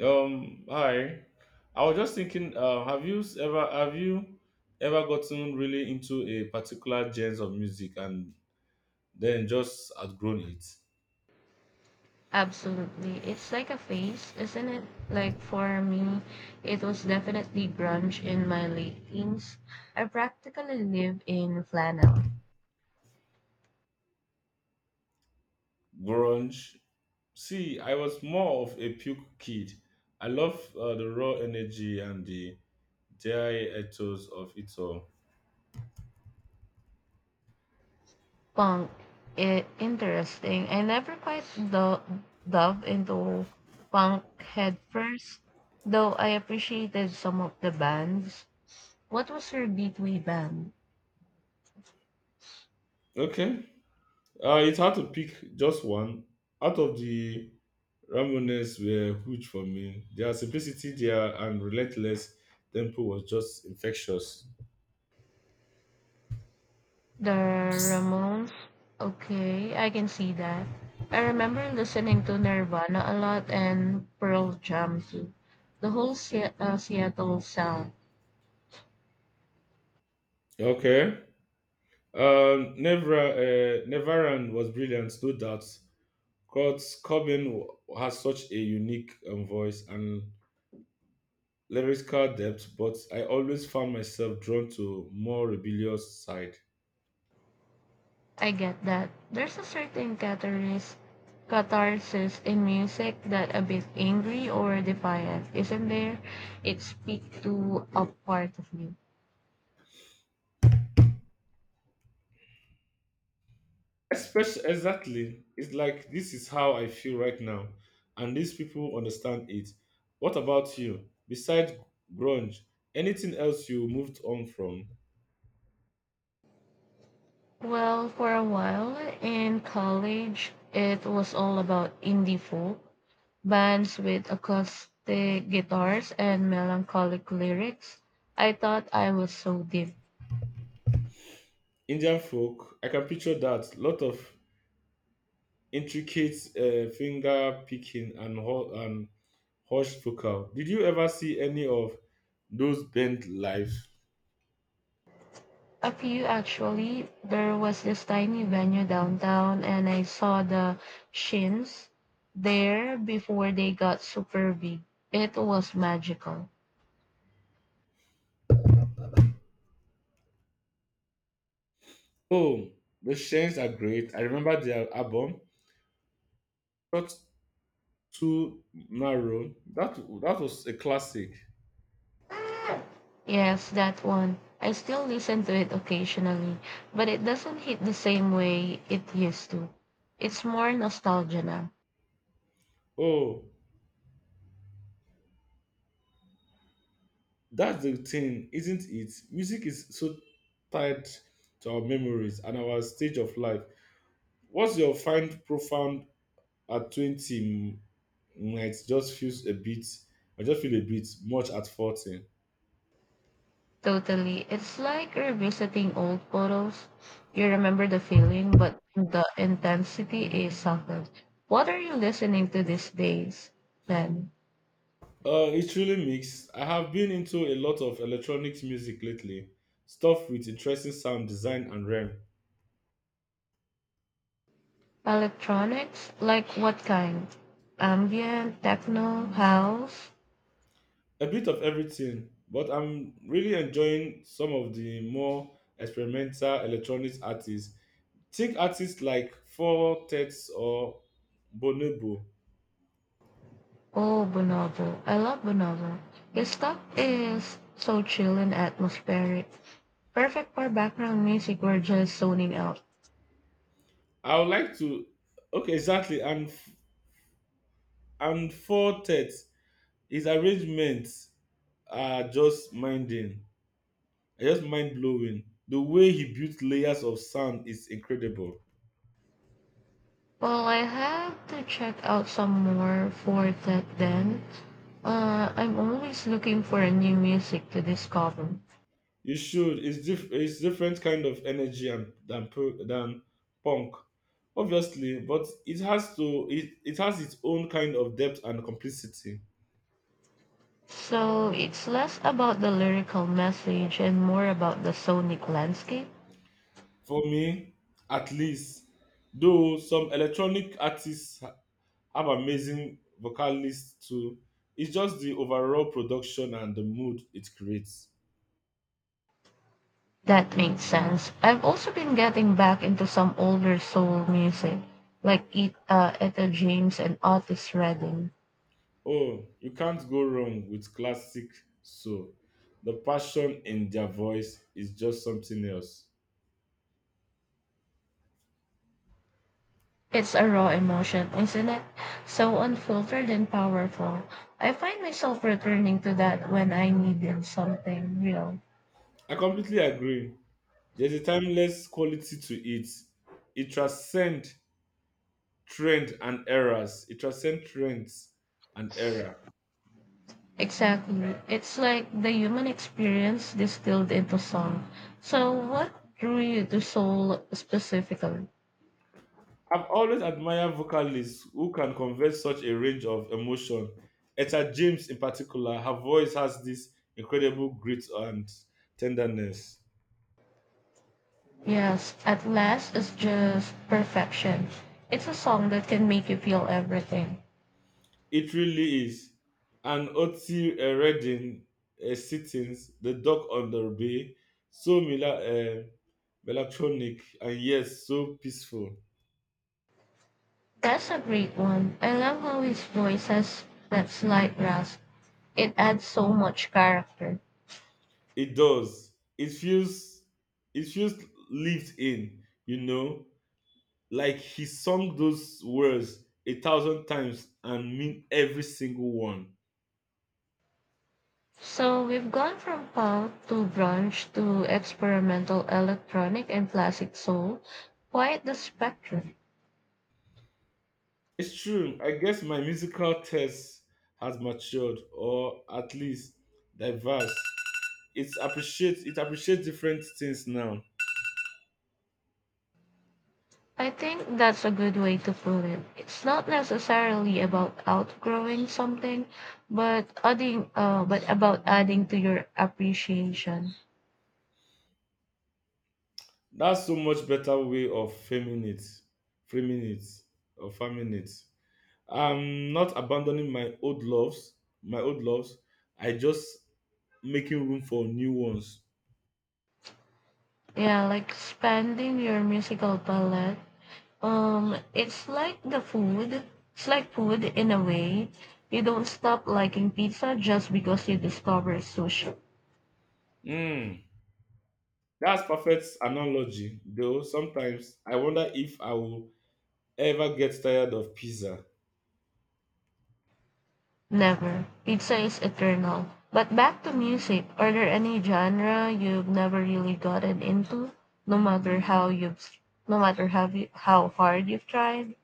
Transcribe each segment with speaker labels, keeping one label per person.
Speaker 1: Hi. I was just thinking, have you ever gotten really into a particular genre of music and then just outgrown it?
Speaker 2: Absolutely. It's like a phase, isn't it? Like for me, it was definitely grunge in my late teens. I practically live in flannel.
Speaker 1: Grunge. See, I was more of a puke kid. I love the raw energy and the dry ethos of it all.
Speaker 2: Punk. Interesting. I never dove into punk headfirst, though I appreciated some of the bands. What was your gateway band?
Speaker 1: Okay. It's hard to pick just one. Out of the Ramones were huge for me. Their simplicity, their and relentless tempo was just infectious.
Speaker 2: The Ramones. Okay, I can see that. I remember listening to Nirvana a lot and Pearl Jam too. The whole Seattle sound.
Speaker 1: Okay. Nevra, Nevaran was brilliant, no doubt. Kurt Cobain w- has such a unique voice and lyrical depth, but I always found myself drawn to more rebellious side.
Speaker 2: I get that. There's a certain catharsis in music that a bit angry or defiant, isn't there? It speaks to a part of me.
Speaker 1: Especially, exactly. It's like this is how I feel right now, and these people understand it. What about you? Besides grunge, anything else you moved on from?
Speaker 2: Well, for a while in college, it was all about indie folk bands with acoustic guitars and melancholic lyrics. I thought I was so deep.
Speaker 1: Indian folk, I can picture that. Lot of intricate finger picking and and hush vocal. Did you ever see any of those band live?
Speaker 2: A few actually. There was this tiny venue downtown, and I saw the Shins there before they got super big. It was magical.
Speaker 1: Oh, the Shanes are great. I remember their album, Not Too Narrow. That was a classic.
Speaker 2: Yes, that one. I still listen to it occasionally, but it doesn't hit the same way it used to. It's more nostalgia now.
Speaker 1: Oh, that's the thing, isn't it? Music is so tied to our memories and our stage of life. What's your find profound at 20? Mm, might just feels a bit, I just feel a bit much at 14.
Speaker 2: Totally. It's like revisiting old photos. You remember the feeling, but the intensity is softened. What are you listening to these days, then?
Speaker 1: It's really mixed. I have been into a lot of electronics music lately, stuff with interesting sound design and rhythm,
Speaker 2: Electronics? Like what kind? Ambient, techno, house?
Speaker 1: a bit of everything. But I'm really enjoying some of the more experimental electronics artists. Take artists like Four Tets or Bonobo.
Speaker 2: Oh, Bonobo. I love Bonobo. His stuff is so chill and atmospheric. Perfect for background music or just zoning out.
Speaker 1: I would like to. Okay, exactly. And Four Tets, his arrangements are just minding, are just mind blowing. The way he built layers of sound is incredible.
Speaker 2: Well, I have to check out some more for that then. I'm always looking for a new music to discover.
Speaker 1: You should. It's different kind of energy and than punk, obviously, but it has to. It has its own kind of depth and complicity.
Speaker 2: So it's less about the lyrical message and more about the sonic landscape.
Speaker 1: For me, at least, though some electronic artists have amazing vocalists too, it's just the overall production and the mood it creates.
Speaker 2: That makes sense. I've also been getting back into some older soul music, like Etta James and Otis Redding.
Speaker 1: Oh, you can't go wrong with classic soul. The passion in their voice is just something else.
Speaker 2: It's a raw emotion, isn't it? So unfiltered and powerful. I find myself returning to that when I needed something real.
Speaker 1: I completely agree. There's a timeless quality to it. It transcends trend and errors. It transcends trends and error.
Speaker 2: Exactly. It's like the human experience distilled into song. So, what drew you to soul specifically?
Speaker 1: I've always admired vocalists who can convey such a range of emotion. Etta James, in particular, her voice has this incredible grit and tenderness.
Speaker 2: Yes, At Last is just perfection. It's a song that can make you feel everything.
Speaker 1: It really is. And Oti Redding, Sittings, The Dock on the Bay, so melancholic and yes, so peaceful.
Speaker 2: That's a great one. I love how his voice has that slight rasp. It adds so much character.
Speaker 1: It does. It feels lived in. You know, like he sung those words a thousand times and mean every single one.
Speaker 2: So we've gone from pulp to grunge to experimental electronic and classic soul. Quite the spectrum.
Speaker 1: It's true. I guess my musical taste has matured or at least diverse. It appreciates different things now.
Speaker 2: I think that's a good way to put it. It's not necessarily about outgrowing something, but about adding to your appreciation.
Speaker 1: That's so much better way of framing it. Framing it or farming it. I'm not abandoning my old loves, my old loves. I just making room for new ones.
Speaker 2: Yeah, like expanding your musical palette. It's like the food. It's like food in a way. You don't stop liking pizza just because you discover sushi.
Speaker 1: Hmm. That's perfect analogy, though sometimes I wonder if I will ever get tired of pizza.
Speaker 2: Never. Pizza is eternal. But back to music. Are there any genre you've never really gotten into, no matter how you've, no matter how hard you've tried?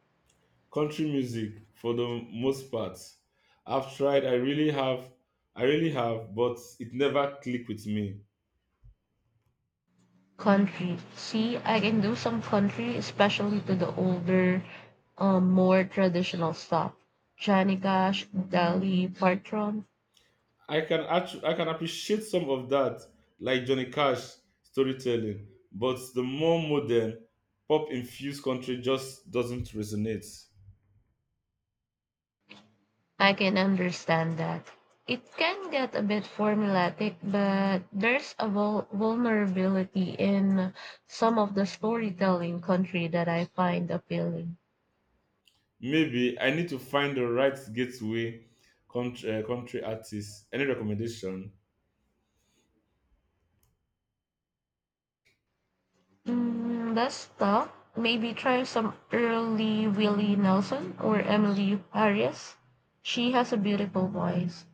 Speaker 1: Country music for the most part. I've tried, I really have, but it never clicked with me.
Speaker 2: Country. See, I can do some country, especially to the older, more traditional stuff. Johnny Cash, Dolly Parton.
Speaker 1: I can appreciate some of that, like Johnny Cash storytelling, but the more modern pop infused country just doesn't resonate.
Speaker 2: I can understand that. It can get a bit formulaic, but there's a vulnerability in some of the storytelling country that I find appealing.
Speaker 1: Maybe I need to find the right gateway country artist. Any recommendation?
Speaker 2: Mm, that's tough. Maybe try some early Willie Nelson or Emily Harris. She has a beautiful voice.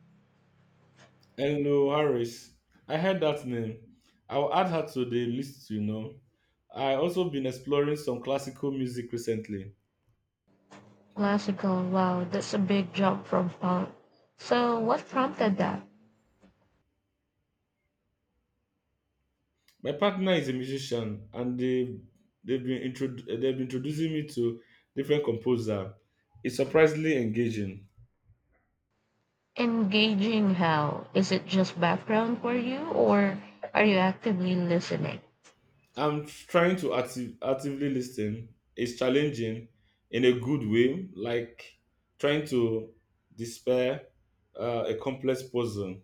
Speaker 1: Hello Harris. I heard that name. I'll add her to the list, you know. I also been exploring some classical music recently.
Speaker 2: Classical. Wow, that's a big jump from punk. So, what prompted that?
Speaker 1: My partner is a musician and they've been introducing me to different composer. It's surprisingly engaging.
Speaker 2: Engaging how? Is it just background for you, or are you actively listening?
Speaker 1: I'm trying to active, actively listen. It's challenging in a good way, like trying to despair a complex puzzle.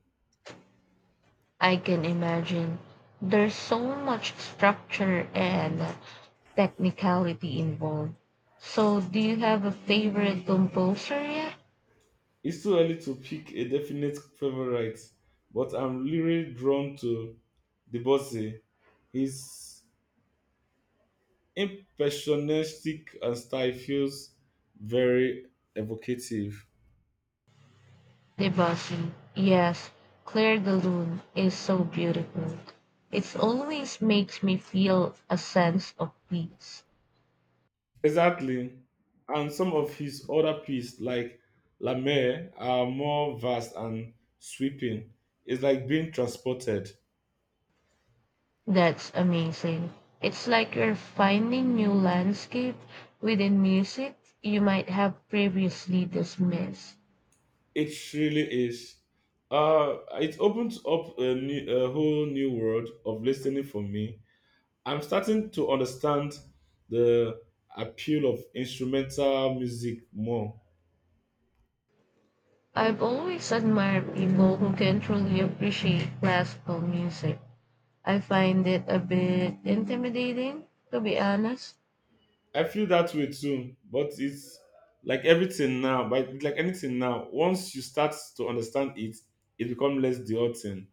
Speaker 2: I can imagine there's so much structure and technicality involved. So, do you have a favorite composer yet?
Speaker 1: It's too early to pick a definite favorite, but I'm really drawn to Debussy. His impressionistic and style feels very evocative.
Speaker 2: Debussy. Yes, Clair de Lune is so beautiful. It always makes me feel a sense of peace.
Speaker 1: Exactly. And some of his other pieces, like La Mer, are more vast and sweeping. It's like being transported.
Speaker 2: That's amazing. It's like you're finding new landscape within music you might have previously dismissed.
Speaker 1: It really is. It opens up a whole new world of listening for me. I'm starting to understand the appeal of instrumental music more.
Speaker 2: I've always admired people who can truly appreciate classical music. I find it a bit intimidating, to be honest.
Speaker 1: I feel that way too, but it's like everything now, but like anything now, once you start to understand it, it becomes less daunting.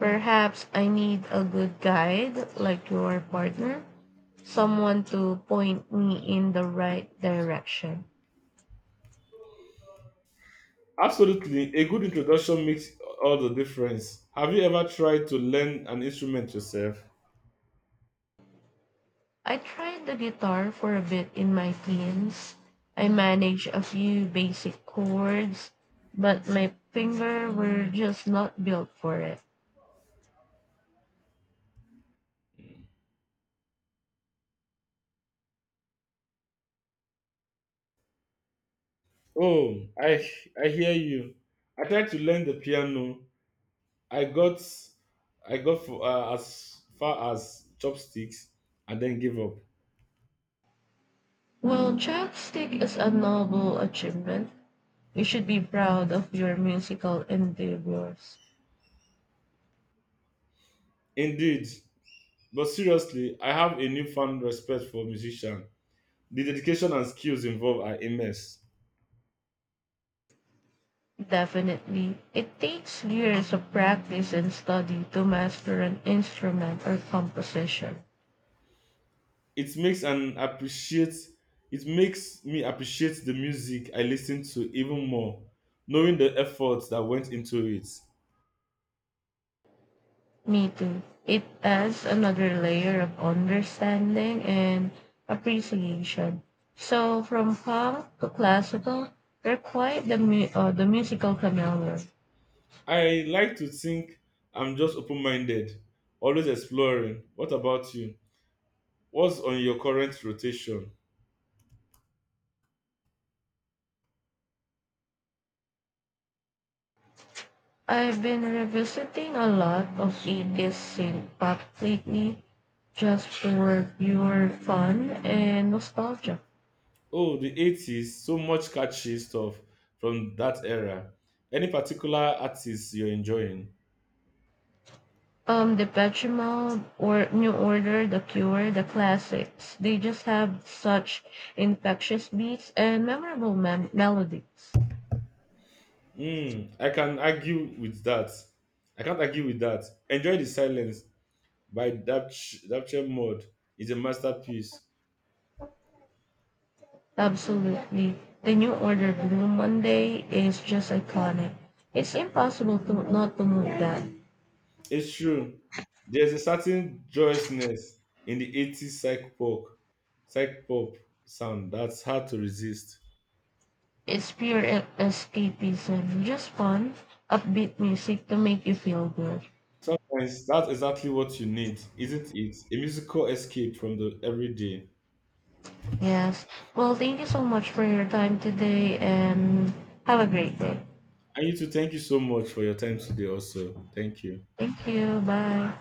Speaker 2: Perhaps I need a good guide like your partner, someone to point me in the right direction.
Speaker 1: Absolutely, a good introduction makes all the difference. Have you ever tried to learn an instrument yourself?
Speaker 2: I tried the guitar for a bit in my teens. I managed a few basic chords, but my fingers were just not built for it.
Speaker 1: Oh, I hear you. I tried to learn the piano, I got I got as far as chopsticks and then gave up.
Speaker 2: Well, Chopstick is a noble achievement. You should be proud of your musical endeavors.
Speaker 1: Indeed, but seriously, I have a newfound respect for musicians. The dedication and skills involved are immense.
Speaker 2: Definitely. It takes years of practice and study to master an instrument or composition.
Speaker 1: It makes and appreciate it makes me appreciate the music I listen to even more, knowing the efforts that went into it.
Speaker 2: Me too. It adds another layer of understanding and appreciation. So, from punk to classical, they're quite the, the musical familiar.
Speaker 1: I like to think I'm just open-minded, always exploring. What about you? What's on your current rotation?
Speaker 2: I've been revisiting a lot of 80s synth pop lately just for pure fun and nostalgia.
Speaker 1: Oh, the 80s, so much catchy stuff from that era. Any particular artists you're enjoying?
Speaker 2: The Petremol or New Order, The Cure, the classics. They just have such infectious beats and melodies.
Speaker 1: Hmm, I can argue with that. I can't argue with that. Enjoy the Silence by Dapch Dapche Mod is a masterpiece.
Speaker 2: Absolutely. The New Order Blue Monday is just iconic. It's impossible to not to move that.
Speaker 1: It's true. There's a certain joyousness in the 80s psych pop sound that's hard to resist.
Speaker 2: It's pure escapism, just fun, upbeat music to make you feel good.
Speaker 1: Sometimes that's exactly what you need, isn't it? A musical escape from the everyday.
Speaker 2: Yes. Well, thank you so much for your time today and have a great day.
Speaker 1: And you too, thank you so much for your time today, also. Thank you.
Speaker 2: Thank you. Bye.